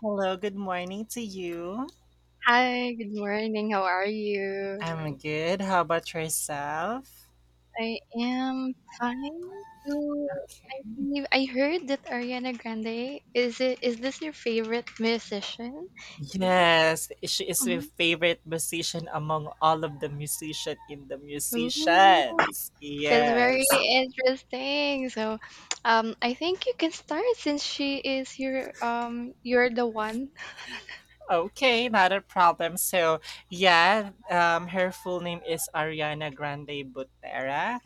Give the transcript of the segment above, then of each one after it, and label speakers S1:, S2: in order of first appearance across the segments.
S1: Hello, good morning to you.
S2: Hi, good morning. How are you?
S1: I'm good. How about yourself?
S2: I am fine. So I believe I heard that Ariana Grande is this your favorite musician? Yeah.
S1: Yes, she is my
S2: Mm.
S1: favorite musician among all of the musician in the
S2: Ooh,
S1: musicians.
S2: that's very
S1: Yes.
S2: interesting. So, I think you can start since she is your you're the one.
S1: Okay, not a problem. So, yeah, her full name is Ariana Grande Butera.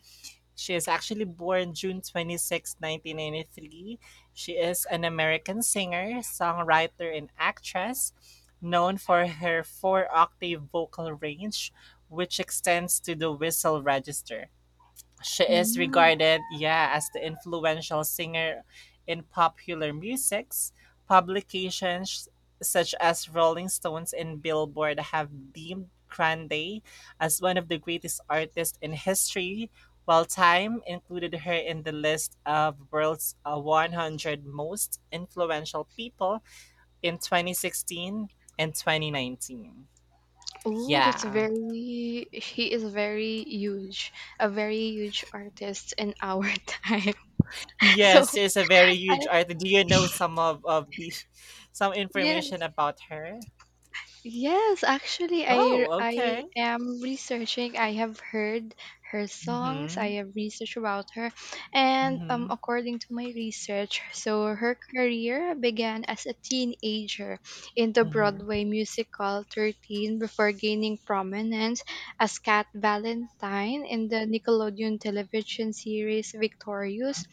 S1: She is actually born June 26, 1993. She is an American singer, songwriter, and actress, known for her four octave vocal range, which extends to the whistle register. She is
S2: Mm.
S1: regarded, yeah, as the influential singer in popular musics. Publications such as Rolling Stones and Billboard have deemed Grande as one of the greatest artists in history, while Time included her in the list of world's 100 most influential people in 2016 and 2019.
S2: Oh, that's
S1: Yeah.
S2: very she is very huge, a very huge artist in our time. So
S1: Yes, she's a very
S2: I
S1: huge artist. Do you know some of the some
S2: yeah.
S1: information about her?
S2: Yes, actually, I
S1: Oh,
S2: I
S1: okay.
S2: am researching. I have heard her songs.
S1: Mm-hmm.
S2: I have researched about her, and
S1: Mm-hmm.
S2: according to my research, so her career began as a teenager in the
S1: Mm-hmm.
S2: Broadway musical 13 before gaining prominence as Kat Valentine in the Nickelodeon television series Victorious,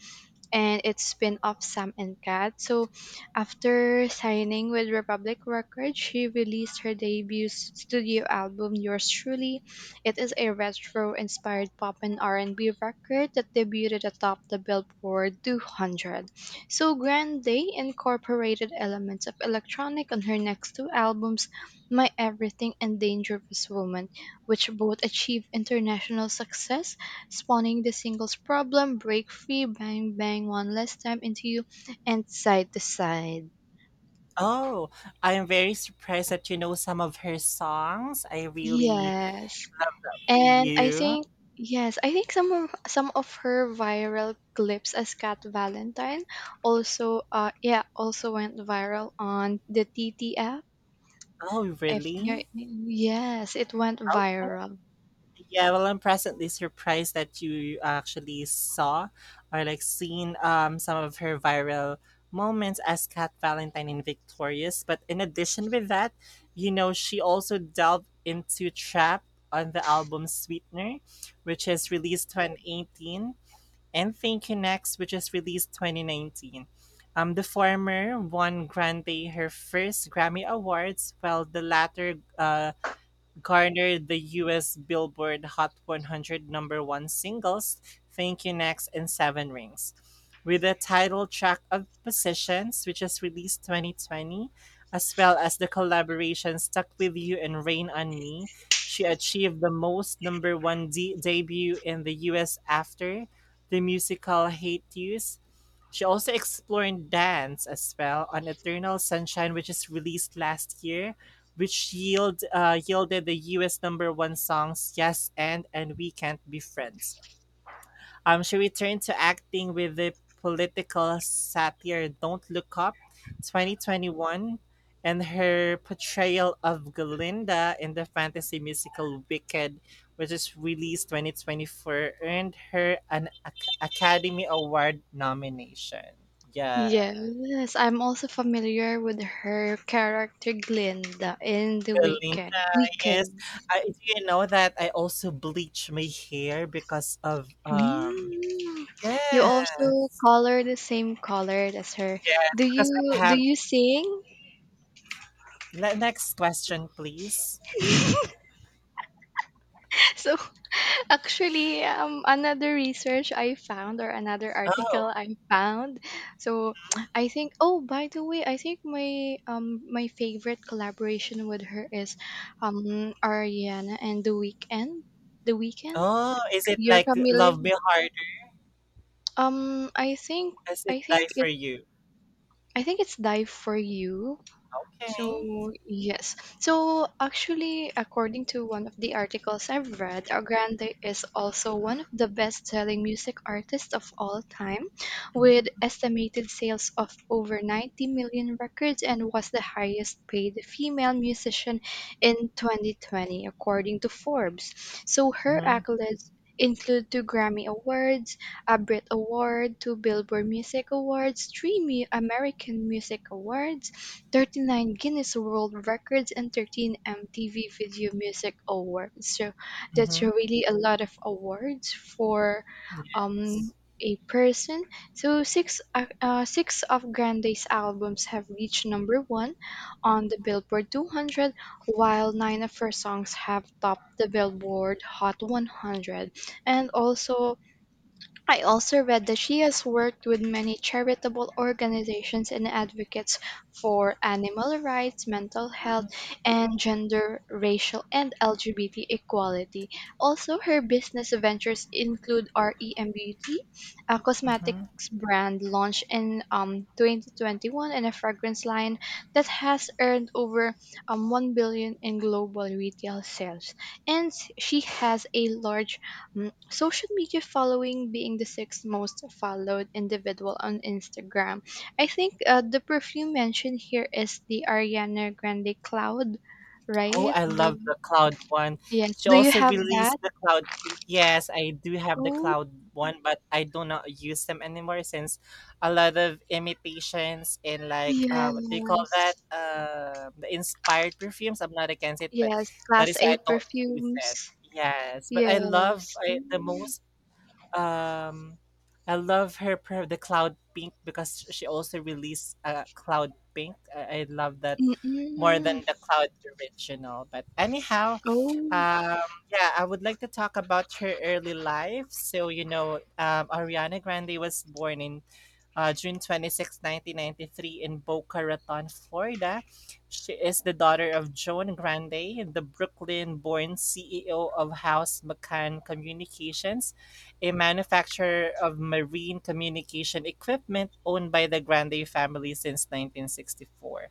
S2: and its spin-off Sam and Cat. So after signing with Republic Records, she released her debut studio album "Yours Truly". It is a retro-inspired pop and R&B record that debuted atop the Billboard 200. So Grande incorporated elements of electronic on her next two albums, "My Everything" and "Dangerous Woman", which both achieved international success, spawning the singles "Problem", "Break Free", "Bang Bang", "One Last Time", and You and side to side.
S1: Oh, I am very surprised that you know some of her songs. I really
S2: Yes.
S1: for
S2: And I
S1: you.
S2: think, yes, I think some of her viral clips as Kat Valentine also yeah, also went viral on the T T app.
S1: Oh,
S2: If you
S1: really?
S2: Yes, it went viral.
S1: Yeah, well, I'm presently surprised that you actually saw or like seen some of her viral moments as Kat Valentine in Victorious. But in addition with that, you know, she also delved into trap on the album Sweetener, which is released 2018, and Thank You Next, which is released 2019. The former won Grande her first Grammy Awards, while the latter garnered the US Billboard Hot 100 number one singles, Thank You Next, and Seven Rings. With the title track of Positions, which was released 2020, as well as the collaboration Stuck With You and Rain on Me, she achieved the most number one debut in the US after the musical Hate Use. She also explored dance as well on Eternal Sunshine, which is released last year, which yielded the US number one songs Yes, and We Can't Be Friends. She returned to acting with the political satire Don't Look Up 2021, and her portrayal of Glinda in the fantasy musical Wicked, which is released 2024, earned her an Academy Award nomination. Yeah.
S2: Yes, I'm also familiar with her character Glinda in The Wicked.
S1: Glinda. Yes.
S2: Wicked.
S1: I do you know that I also bleach my hair because of
S2: Mm. You also
S1: yes.
S2: color the same color as her.
S1: Yes,
S2: Do
S1: because I
S2: you do
S1: have
S2: you sing?
S1: next question please.
S2: So actually, another
S1: Oh.
S2: article I found. So
S1: Mhm.
S2: I think. Oh, by the way, I think my favorite collaboration with her is, Ariana and The Weekend.
S1: Oh, is it
S2: You're
S1: like
S2: familiar?
S1: love me harder?
S2: Um, I think
S1: Does it
S2: I
S1: die
S2: think
S1: for
S2: it
S1: you?
S2: I think it's Dive for You.
S1: Okay.
S2: So, yes. So, actually, according to one of the articles I've read, Grande is also one of the best selling music artists of all time, with estimated sales of over 90 million records and was the highest paid female musician in 2020, according to Forbes. So, her
S1: Mm-hmm.
S2: accolades include two Grammy Awards, a Brit Award, two Billboard Music Awards, three American Music Awards, 39 Guinness World Records, and 13 MTV Video Music Awards. So that's
S1: Mm-hmm.
S2: really a lot of awards for um,
S1: Yes.
S2: a person. So six of Grande's albums have reached number one on the Billboard 200, while nine of her songs have topped the Billboard Hot 100. And also I also read that she has worked with many charitable organizations and advocates for animal rights, mental
S1: Mm-hmm.
S2: health, and gender, racial, and LGBT equality. Also, her business ventures include REM Beauty, a cosmetics
S1: Mm-hmm.
S2: brand launched in 2021, and a fragrance line that has earned over 1 billion in global retail sales. And she has a large social media following, being the sixth most followed individual on Instagram. I think the perfume mentioned here is the Ariana Grande Cloud, right?
S1: Oh, I
S2: The
S1: love the cloud one.
S2: Yes.
S1: She
S2: Do you
S1: also
S2: have that?
S1: released the cloud. Pink. Yes, I do have the
S2: Oh,
S1: cloud one, but I do not use them anymore since a lot of imitations and like what do you call that?
S2: yes,
S1: The inspired perfumes. I'm not against it, but
S2: yes.
S1: that
S2: Class
S1: is
S2: A
S1: why I don't use
S2: perfumes.
S1: it. Yes, but
S2: Yes.
S1: the
S2: Mm.
S1: most um I love her per the cloud pink, because she also released a cloud pink. I love that more
S2: Mm-mm.
S1: than the cloud original. But anyhow,
S2: Oh,
S1: yeah, I would like to talk about her early life. So you know, Ariana Grande was born in June 26, 1993, in Boca Raton, Florida. She is the daughter of Joan Grande, the Brooklyn born CEO of House McCann Communications, a manufacturer of marine communication equipment owned by the Grande family since 1964.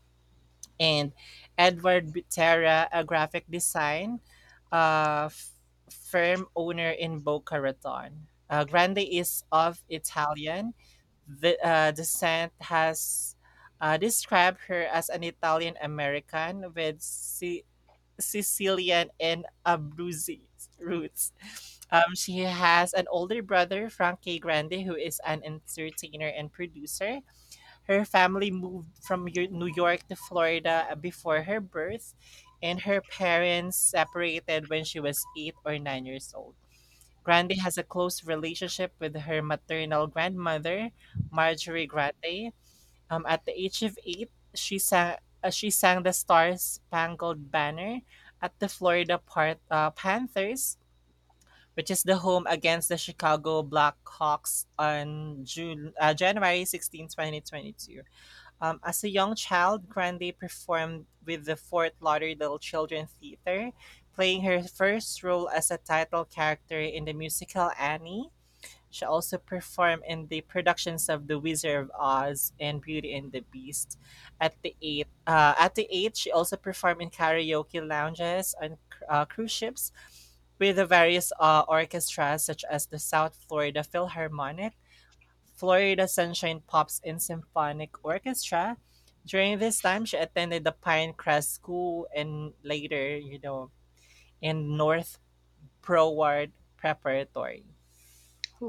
S1: And Edward Butera, a graphic design uh, f- firm owner in Boca Raton. Grande is of Italian, Descent has described her as an Italian American with Sicilian and Abruzzi roots. She has an older brother, Frank K. Grande, who is an entertainer and producer. Her family moved from New York to Florida before her birth, and her parents separated when she was 8 or 9 years old. Grande has a close relationship with her maternal grandmother, Marjorie Grande. At the age of eight, she sang the Star Spangled Banner at the Florida Panthers, which is the home against the Chicago Blackhawks on June January 16, 2022. As a young child, Grande performed with the Fort Lauderdale Children Theater, playing her first role as a title character in the musical Annie. She also performed in the productions of "The Wizard of Oz" and "Beauty and the Beast." At the eight, she also performed in karaoke lounges on cruise ships with the various orchestras such as the South Florida Philharmonic, Florida Sunshine Pops and Symphonic Orchestra. During this time, she attended the Pinecrest School and later, you know, in North Broward Preparatory.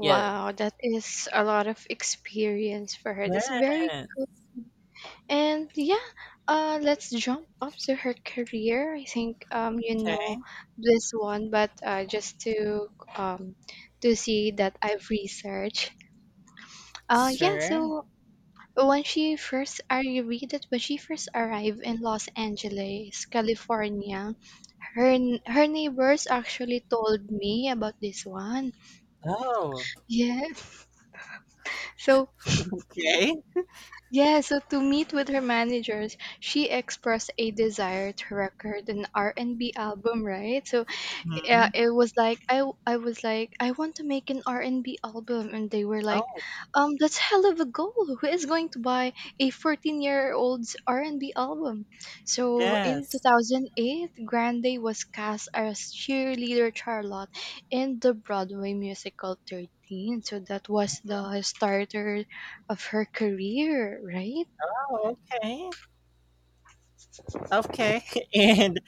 S1: Yeah.
S2: that is a lot of experience for her. That's very
S1: Yeah.
S2: And yeah, let's jump up to her career. I think you know this one, but just um, to see that I've researched. Yeah,
S1: Sure.
S2: so when I read that when she first arrived in Los Angeles, California, her her neighbors actually told me about this one.
S1: Oh,
S2: Yeah, so
S1: okay.
S2: To meet with her managers, she expressed a desire to record an R&B album, right? So yeah,
S1: Mhm.
S2: it was like, I was like, I want to make an r&b album, and they were like,
S1: Oh,
S2: that's hell of a goal. Who is going to buy a 14-year old's r&b album? So in
S1: yes.
S2: 2008, Grande was cast as cheerleader Charlotte in the Broadway musical 13. So that was the starter of her career, right?
S1: Oh, okay. Okay. And,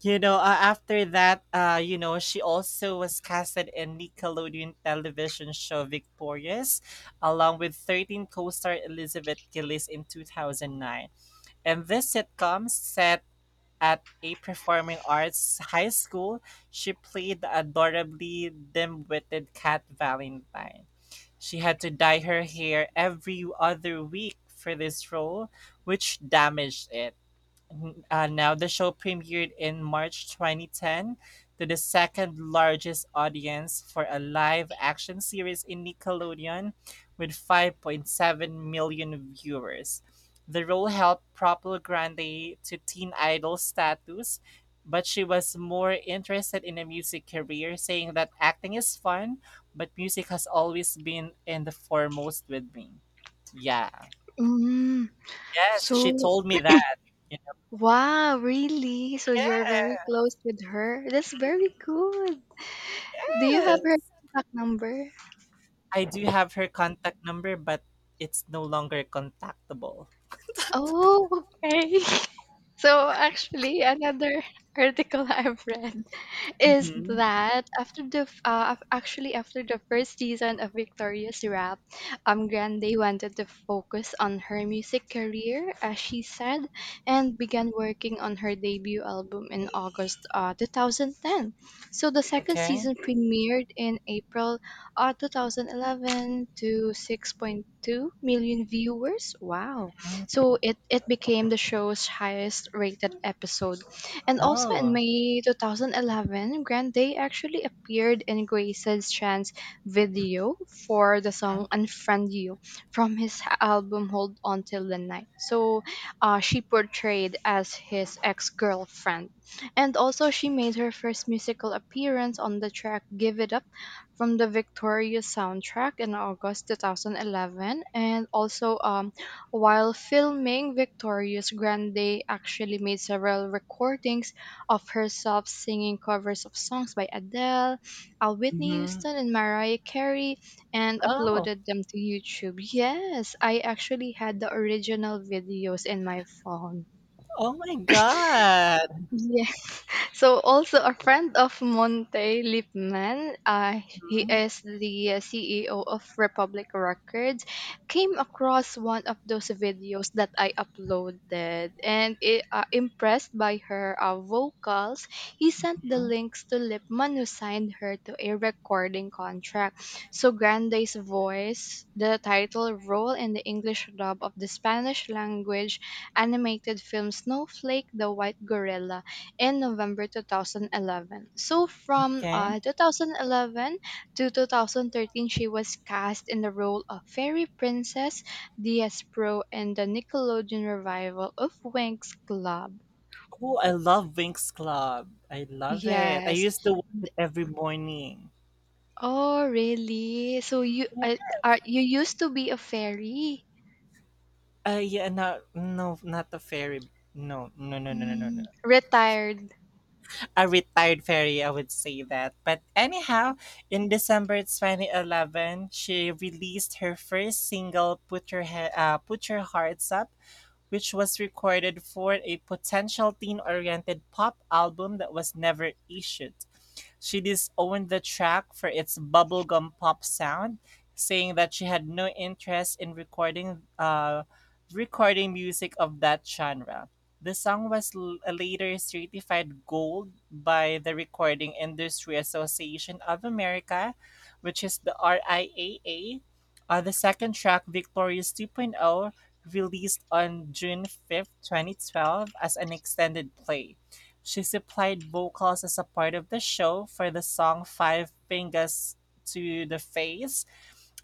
S1: you know, after that, you know, she also was casted in Nickelodeon television show Victorious, along with 13 co star Elizabeth Gillies in 2009. And this sitcom set at a performing arts high school, she played the adorably dim witted Cat Valentine. She had to dye her hair every other week for this role, which damaged it. Now, the show premiered in March 2010 to the second largest audience for a live action series in Nickelodeon with 5.7 million viewers. The role helped prop Grande to teen idol status, but she was more interested in a music career, saying that acting is fun, but music has always been in the foremost with me. Yeah.
S2: Mm.
S1: Yes, she
S2: So,
S1: told me that.
S2: wow, really? So you're very
S1: Yeah.
S2: close with her? That's very good. Do you have her
S1: Yes.
S2: contact number?
S1: I do have her contact number, but it's no longer contactable.
S2: Oh, okay. So actually, another article I've read is
S1: Mhm.
S2: that after actually, after the first season of Victoria's Rap, Grande wanted to focus on her music career, as she said, and began working on her debut album in August 2010. So the second
S1: Okay.
S2: season premiered in April 2011 to 6.2 million viewers. Wow!
S1: Mhm.
S2: So it became the show's highest rated episode, and also in
S1: Oh.
S2: May 2011, Grande actually appeared in Grace's Chance video for the song Unfriend You from his album Hold On Till the Night. So she portrayed as his ex girlfriend. And also, she made her first musical appearance on the track Give It Up from the Victorious soundtrack in August 2011. And also, while filming Victoria's, Grande actually made several recordings of herself singing covers of songs by Adele, Whitney
S1: Mhm.
S2: Houston, and Mariah Carey and
S1: Oh.
S2: uploaded them to YouTube. Yes, I actually had the original videos in my phone.
S1: Oh my god.
S2: So also a friend of Monte Lipman, he
S1: Mhm.
S2: is the CEO of Republic Records, came across one of those videos that I uploaded, and impressed by her vocals, he sent the
S1: Mhm.
S2: links to Lipman, who signed her to a recording contract. So Grande's voice, the title role in the English dub of the Spanish language animated film Snowflake, the White Gorilla in November 2011. So from
S1: Okay.
S2: 2011 to 2013, she was cast in the role of Fairy Princess Diaz Pro in the Nickelodeon revival of Winx Club.
S1: Oh, I love Winx Club. I love it. I
S2: Yes.
S1: used to watch it every morning.
S2: Oh, really? So you
S1: Yeah.
S2: are you used to be a fairy?
S1: Yeah, not the fairy. No, no, no, no, no, no,
S2: Mm,
S1: no.
S2: retired.
S1: A retired fairy, I would say that. But anyhow, in December 2011, she released her first single, "Put Your Hearts Up," which was recorded for a potential teen-oriented pop album that was never issued. She disowned the track for its bubblegum pop sound, saying that she had no interest in recording music of that genre. The song was later certified gold by the Recording Industry Association of America, which is the RIAA. The second track, Victorious 2.0, released on June 5th, 2012, as an extended play. She supplied vocals as a part of the show for the song Five Fingers to the Face.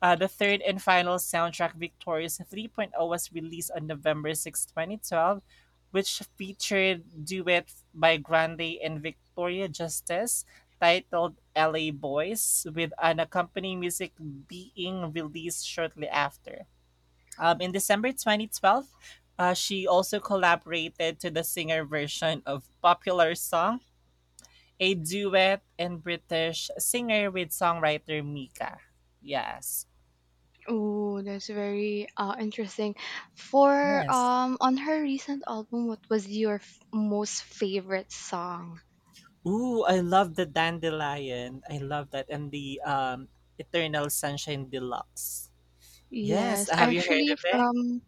S1: The third and final soundtrack, Victorious 3.0, Point Oh," was released on November 6, 2012, which featured duet by Grande and Victoria Justice titled LA Boys, with an accompanying music being released shortly after. In December 2012, she also collaborated to the singer version of popular song a duet and British singer with songwriter Mika. Yes.
S2: Oh, that's very interesting. For
S1: Yes.
S2: on her recent album, what was your most favorite song?
S1: Ooh, I love the Dandelion. I love that. And the Eternal Sunshine Deluxe. Yes.
S2: Yes, I
S1: Have you heard
S2: actually
S1: of it?
S2: from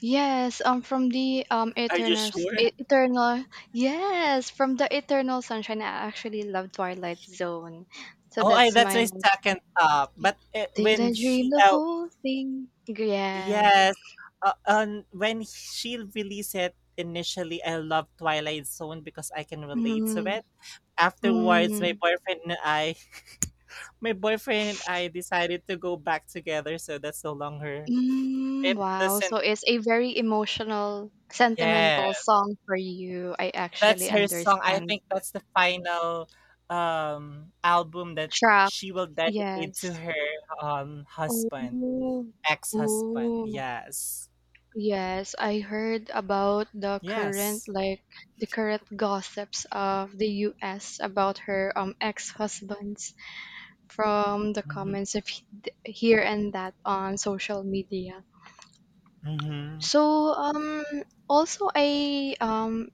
S2: yes, from the
S1: Are you sure?
S2: Eternal, yes, from the Eternal Sunshine, I actually love Twilight Zone. So
S1: Oh, I,
S2: that's
S1: that's
S2: my
S1: my
S2: most
S1: second top. But
S2: Did I dream the whole thing? Yeah.
S1: yes, on when she released it initially, I loved Twilight Zone because I can relate to
S2: Mm,
S1: it. Afterwards,
S2: mm,
S1: my boyfriend and I decided to go back together, so that's no longer it
S2: wow. So
S1: doesn't
S2: it's a very emotional,
S1: yeah.
S2: sentimental song for you. I
S1: That's
S2: actually
S1: her song. I
S2: understand.
S1: think that's the final album that
S2: Track.
S1: she will dedicate to
S2: Yes.
S1: her husband,
S2: Oh.
S1: ex-husband.
S2: Oh.
S1: Yes.
S2: Yes, I heard about the current,
S1: Yes.
S2: like, the current gossips of the US about her ex-husbands from the
S1: Mhm.
S2: comments of here and that on social media.
S1: Mhm.
S2: So also, I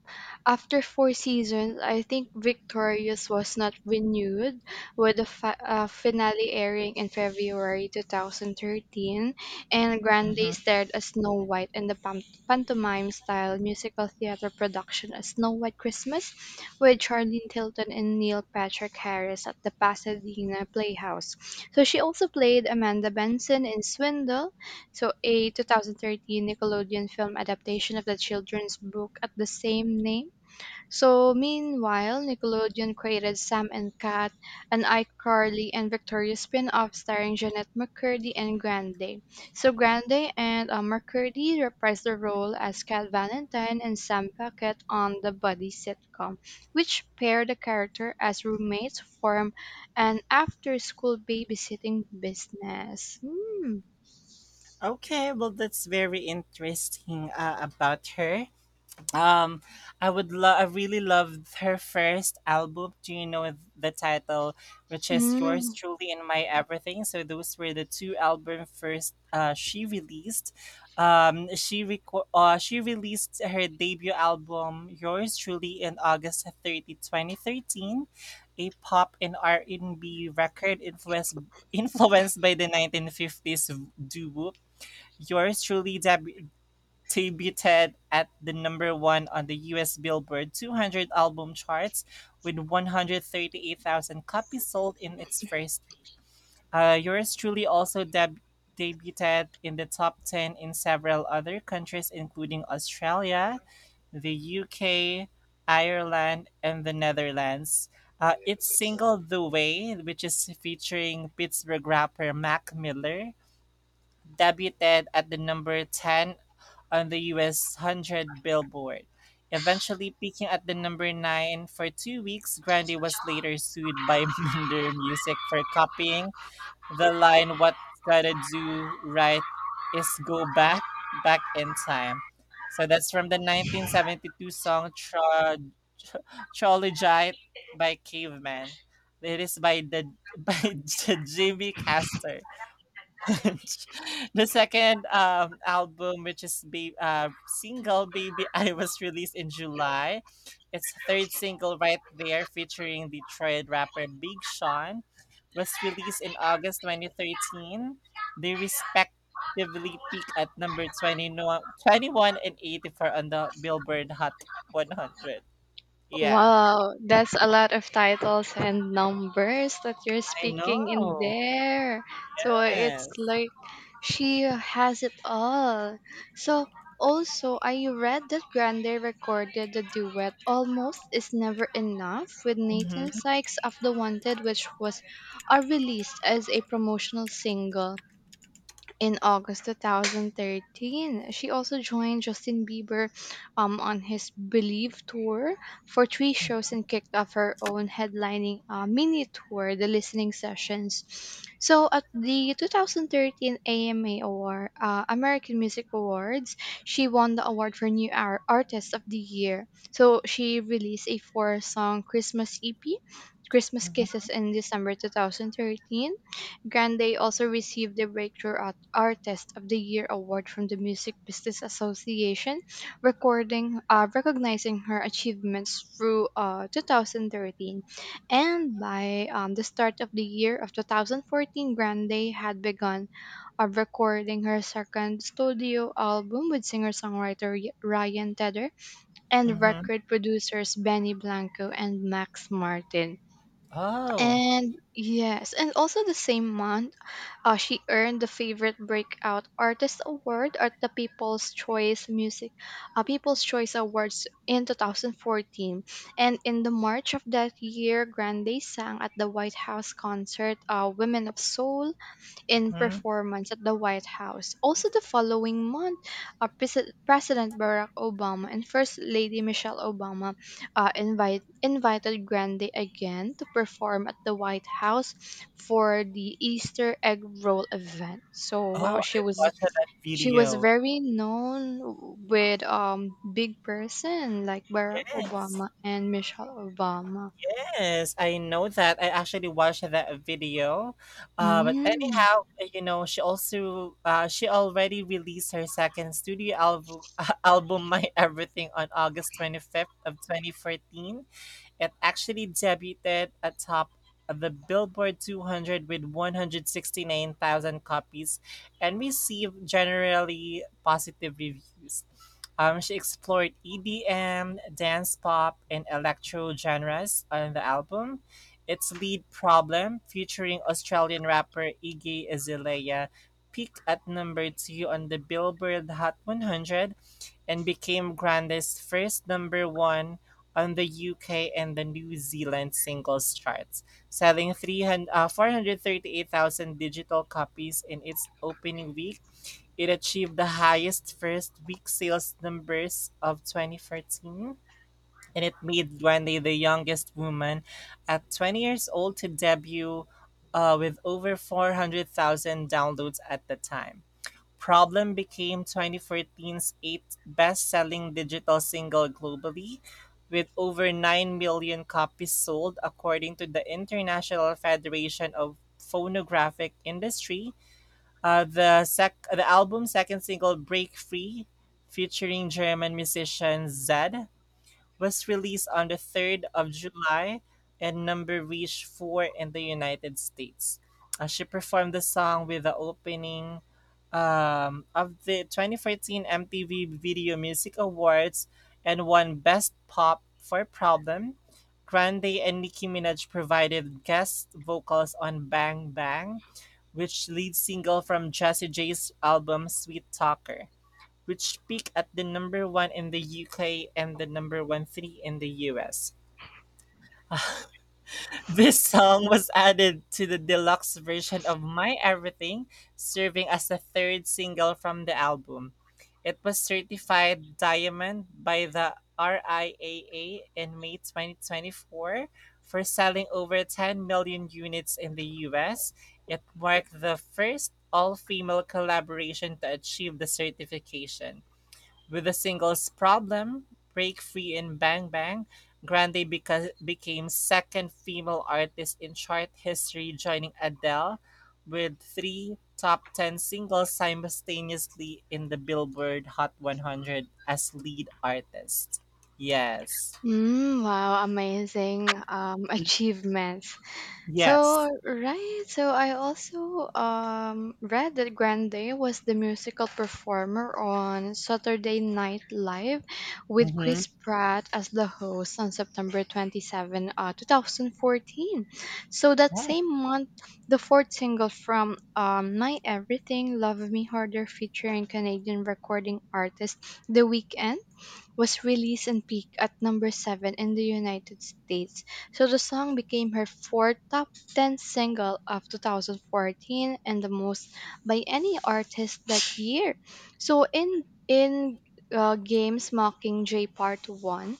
S2: after four seasons I think Victorious was not renewed, with the finale airing in February 2013, and Grande
S1: Mhm.
S2: starred as Snow White in the pantomime style musical theater production as Snow White Christmas with Charlene Tilton and Neil Patrick Harris at the Pasadena Playhouse. So she also played Amanda Benson in Swindle, so a 2013 Nickelodeon film adaptation of the children's book at the same name. So meanwhile, Nickelodeon created Sam and Cat, an iCarly and Victoria spin-off starring Jeanette McCurdy and Grande. So Grande and McCurdy reprised their role as Cat Valentine and Sam Puckett on the Buddy sitcom, which paired the character as roommates form an after-school babysitting business. Mm.
S1: Okay, well that's very interesting about her. Um, I would love. I really loved her first album. Do you know the title, which is "Yours
S2: Mm.
S1: Truly and My Everything"? So those were the two album first she released. She released her debut album "Yours Truly" in August 30, 2013, a pop and R and B record influenced by the 1950s doo wop. Yours Truly deb- debuted at the number one on the US Billboard 200 album charts with 138,000 copies sold in its first week. Yours truly also debuted in the top 10 in several other countries, including Australia, the UK, Ireland, and the Netherlands. Its single The Way, which is featuring Pittsburgh rapper Mac Miller, debuted at the number 10 on the US 100 Billboard. Eventually peaking at the number 9 for 2 weeks, Grande was later sued by Minder Music for copying the line what Gotta Do Right is Go Back, Back in Time. So that's from the 1972 song Trologite by Caveman. It is by the by the Jimmy Castor. The second album, which is single Baby I, was released in July. Its third single, Right There, featuring Detroit rapper Big Sean, was released in August 2013. They respectively peaked at number 20, no- 21 and 84 on the Billboard Hot 100. Yeah,
S2: Wow, that's a lot of titles and numbers that you're
S1: I
S2: speaking in
S1: know.
S2: there. So it's
S1: Yes.
S2: like she has it all. So also, I read that Grande recorded the duet Almost Is Never Enough with Nathan
S1: Mm-hmm.
S2: Sykes of The Wanted, which was released as a promotional single. In August 2013, she also joined Justin Bieber on his Believe tour for three shows and kicked off her own headlining mini tour, The Listening Sessions. So at the 2013 AMA Award, American Music Awards, she won the award for New Artist of the Year. So she released a four-song Christmas EP, Christmas Kisses, in December 2013. Grande also received the Breakthrough Artist of the Year award from the Music Business Association, recording recognizing her achievements through 2013. And by the start of the year of 2014, Grande had begun recording her second studio album with singer-songwriter Ryan Tedder and
S1: Mm-hmm.
S2: record producers Benny Blanco and Max Martin.
S1: Oh.
S2: And yes, and also the same month, she earned the favorite breakout artist award at the People's Choice Awards in 2014. And in the March of that year, Grande sang at the White House concert, Women of Soul, in performance at the White House. Also, the following month, President Barack Obama and First Lady Michelle Obama invited Grande again to perform at the White House for the Easter egg roll event. So, wow,
S1: Oh,
S2: she
S1: I
S2: was
S1: watched that
S2: she was
S1: video.
S2: very known with big person like Barack
S1: Yes,
S2: Obama and Michelle Obama.
S1: yes, I know that. I actually watched that video. But
S2: Mm.
S1: anyhow, you know, she already released her second studio album, album My Everything on August 25th of 2014. It actually debuted atop the Billboard 200 with 169,000 copies and received generally positive reviews. She explored EDM, dance pop, and electro genres on the album. Its lead problem, featuring Australian rapper Iggy Azalea, peaked at number two on the Billboard Hot 100 and became Grande's first number one on the UK and the New Zealand singles charts, selling 438,000 digital copies in its opening week. It achieved the highest first week sales numbers of 2014, and it made Grande the youngest woman at 20 years old to debut with over 400,000 downloads at the time. "Problem" became 2014's eighth best-selling digital single globally, with over 9 million copies sold according to the International Federation of Phonographic Industry. The album's second single, "Break Free", featuring German musician Zedd, was released on the 3rd of July and number reached 4 in the United States. She performed the song with the opening of the 2014 MTV Video Music Awards and won Best Pop for Problem. Grande and Nicki Minaj provided guest vocals on Bang Bang, which lead single from Jessie J's album Sweet Talker which peaked at the number one in the UK and the number 13 in the US. This song was added to the deluxe version of My Everything, serving as the third single from the album. It was certified diamond by the RIAA in May 2024 for selling over 10 million units in the US. It marked the first all female collaboration to achieve the certification. With the singles "Problem", "Break Free" and "Bang Bang", Grande became second female artist in chart history, joining Adele with three top-ten singles simultaneously in the Billboard Hot 100 as lead artist. Yes.
S2: Mm, wow, amazing achievements. So
S1: Yes.
S2: right, so I also read that Grande was the musical performer on Saturday Night Live with
S1: Mm-hmm.
S2: Chris Pratt as the host on September 27, 2014. So that
S1: Wow.
S2: same month, the fourth single from My Everything, Love Me Harder, featuring Canadian recording artist The Weeknd was released and peaked at number 7 in the United States, so the song became her fourth top 10 single of 2014 and the most by any artist that year. So in Games Mockingjay Part 1,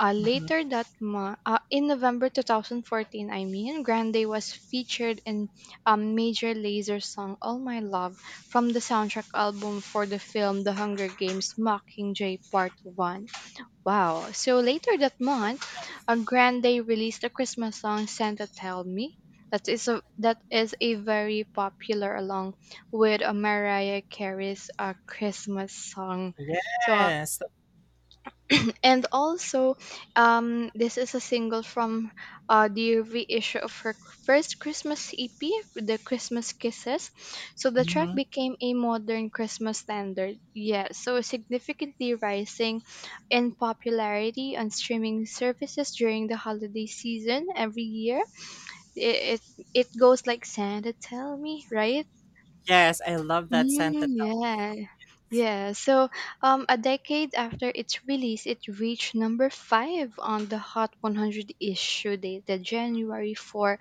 S1: Mhm.
S2: later that month, in November 2014, I mean, Grande was featured in Major Laser's song All My Love from the soundtrack album for the film The Hunger Games Mockingjay Part 1. Wow. So later that month, on Grand Day released a Christmas song Santa Tell Me. That is a very popular along with Mariah Carey's Christmas song. So
S1: Yes.
S2: and also, this is a single from the reissue of her first Christmas EP, The Christmas Kisses. So the track
S1: Hmm,
S2: became a modern Christmas standard. Yeah, so significantly rising in popularity on streaming services during the holiday season every year. It goes like, Santa, tell me, right?
S1: yes, I love that
S2: Mm,
S1: scented.
S2: yeah, yeah. So, a decade after its release, it reached number five on the Hot 100 issue dated January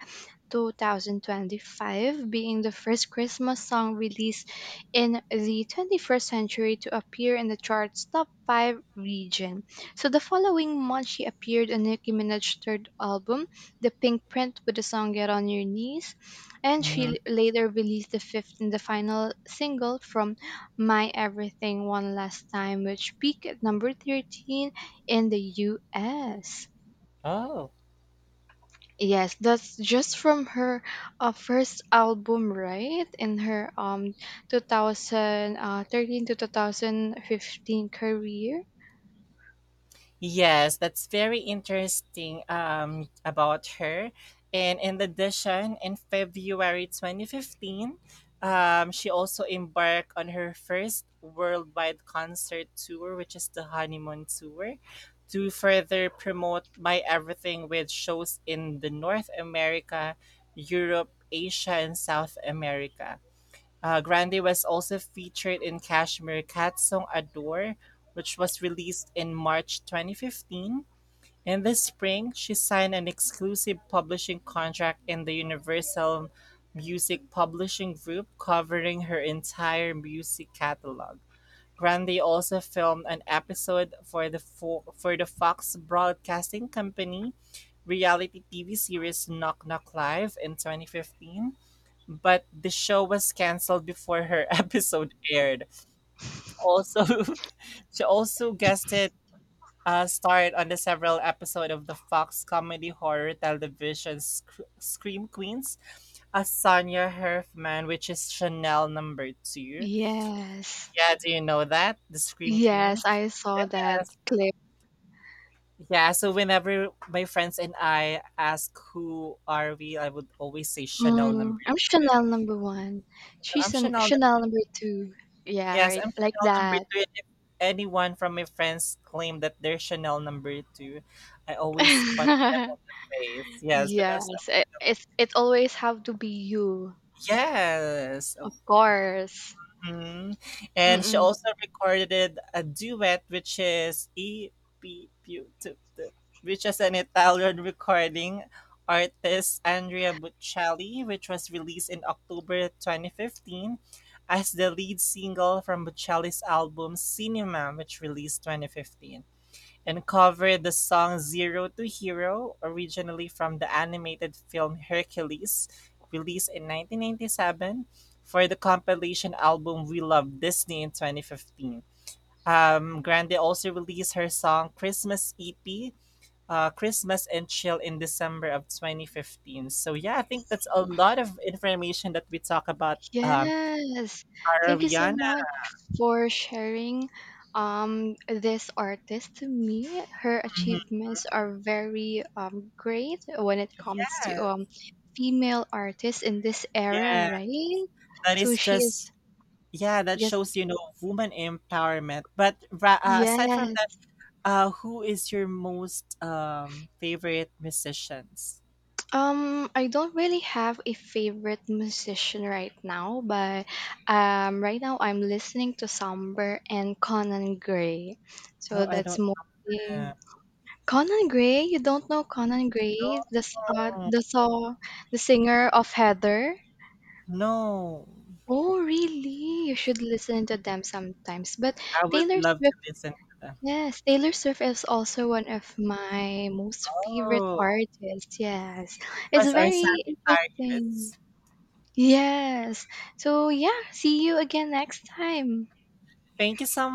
S2: 4, 2025, being the first Christmas song released in the 21st century to appear in the chart's top five region. So, the following month, she appeared on Nicki Minaj's third album, The Pink Print, with the song Get on Your Knees, and she
S1: Mhm.
S2: later released the fifth and the final single from My Everything, One Last Time, which peaked at number 13 in the US.
S1: Oh.
S2: Yes, that's just from her first album, right? In her 2013 to 2015 career.
S1: Yes, that's very interesting about her. And in addition, in February 2015, she also embarked on her first worldwide concert tour, which is the Honeymoon Tour, to further promote My Everything with shows in the North America, Europe, Asia, and South America. Grande was also featured in Kashmir Cat's song "Adore," which was released in March 2015. In the spring, she signed an exclusive publishing contract in the Universal Music Publishing Group, covering her entire music catalog. Grande also filmed an episode for the Fox Broadcasting Company reality TV series Knock Knock Live in 2015 but the show was canceled before her episode aired. Also, she also guested starred on the several episode of the Fox comedy horror television Scream Queens as Sonia Herfman, which is Chanel number two.
S2: Yes.
S1: Yeah, do you know that? The Scream
S2: Yes,
S1: Queens?
S2: I saw that
S1: Yes.
S2: clip.
S1: Yeah, so whenever my friends and I ask who are we, I would always say Chanel
S2: Mm,
S1: number
S2: I'm
S1: two.
S2: Chanel number one.
S1: I'm
S2: She's an
S1: Chanel.
S2: Chanel number two. Yeah,
S1: Yes,
S2: right.
S1: I'm
S2: Like
S1: Chanel number
S2: that.
S1: two. And if anyone from my friends claim that they're Chanel number two, I always punch them on the face. Yes, because I'm,
S2: Yes, I it's it always have to be you,
S1: yes.
S2: of course.
S1: Mhm. And she
S2: Mm-mm.
S1: also recorded a duet, which is EPEPUTT, which is an Italian recording artist Andrea Bocelli, which was released in October 2015 as the lead single from Bocelli's album Cinema, which released 2015 and covered the song "Zero to Hero", originally from the animated film "Hercules", released in 1997, for the compilation album "We Love Disney" in 2015. Grande also released her song "Christmas EP", "Christmas and Chill" in December of 2015. So yeah, I think that's a lot of information that we talk about
S2: Yes. Thank you so
S1: Ariana.
S2: much for sharing this artist to me. Her
S1: Mhm.
S2: achievements are very great when it comes to
S1: Yeah,
S2: female artists in this era,
S1: yeah,
S2: right?
S1: that
S2: So,
S1: is
S2: she
S1: just.
S2: is
S1: Yeah, that
S2: just
S1: shows, you know, woman empowerment. But aside from that,
S2: yes.
S1: who is your most favorite musicians?
S2: I don't really have a favorite musician right now, but right now I'm listening to Samber and Conan Gray. So
S1: Oh, I
S2: that's
S1: don't know.
S2: mostly Conan Gray. You don't know Conan Gray, the s-
S1: No,
S2: the song, the singer of Heather.
S1: no.
S2: Oh, really? You should listen to them sometimes. But
S1: I would
S2: Taylor
S1: love to
S2: Swift,
S1: listen to them.
S2: yes, Taylor Swift is also one of my most favorite
S1: Oh,
S2: artists. Yes, it's
S1: us are
S2: very interesting.
S1: Sagittarius.
S2: Yes. So, yeah, see you again next time.
S1: Thank you so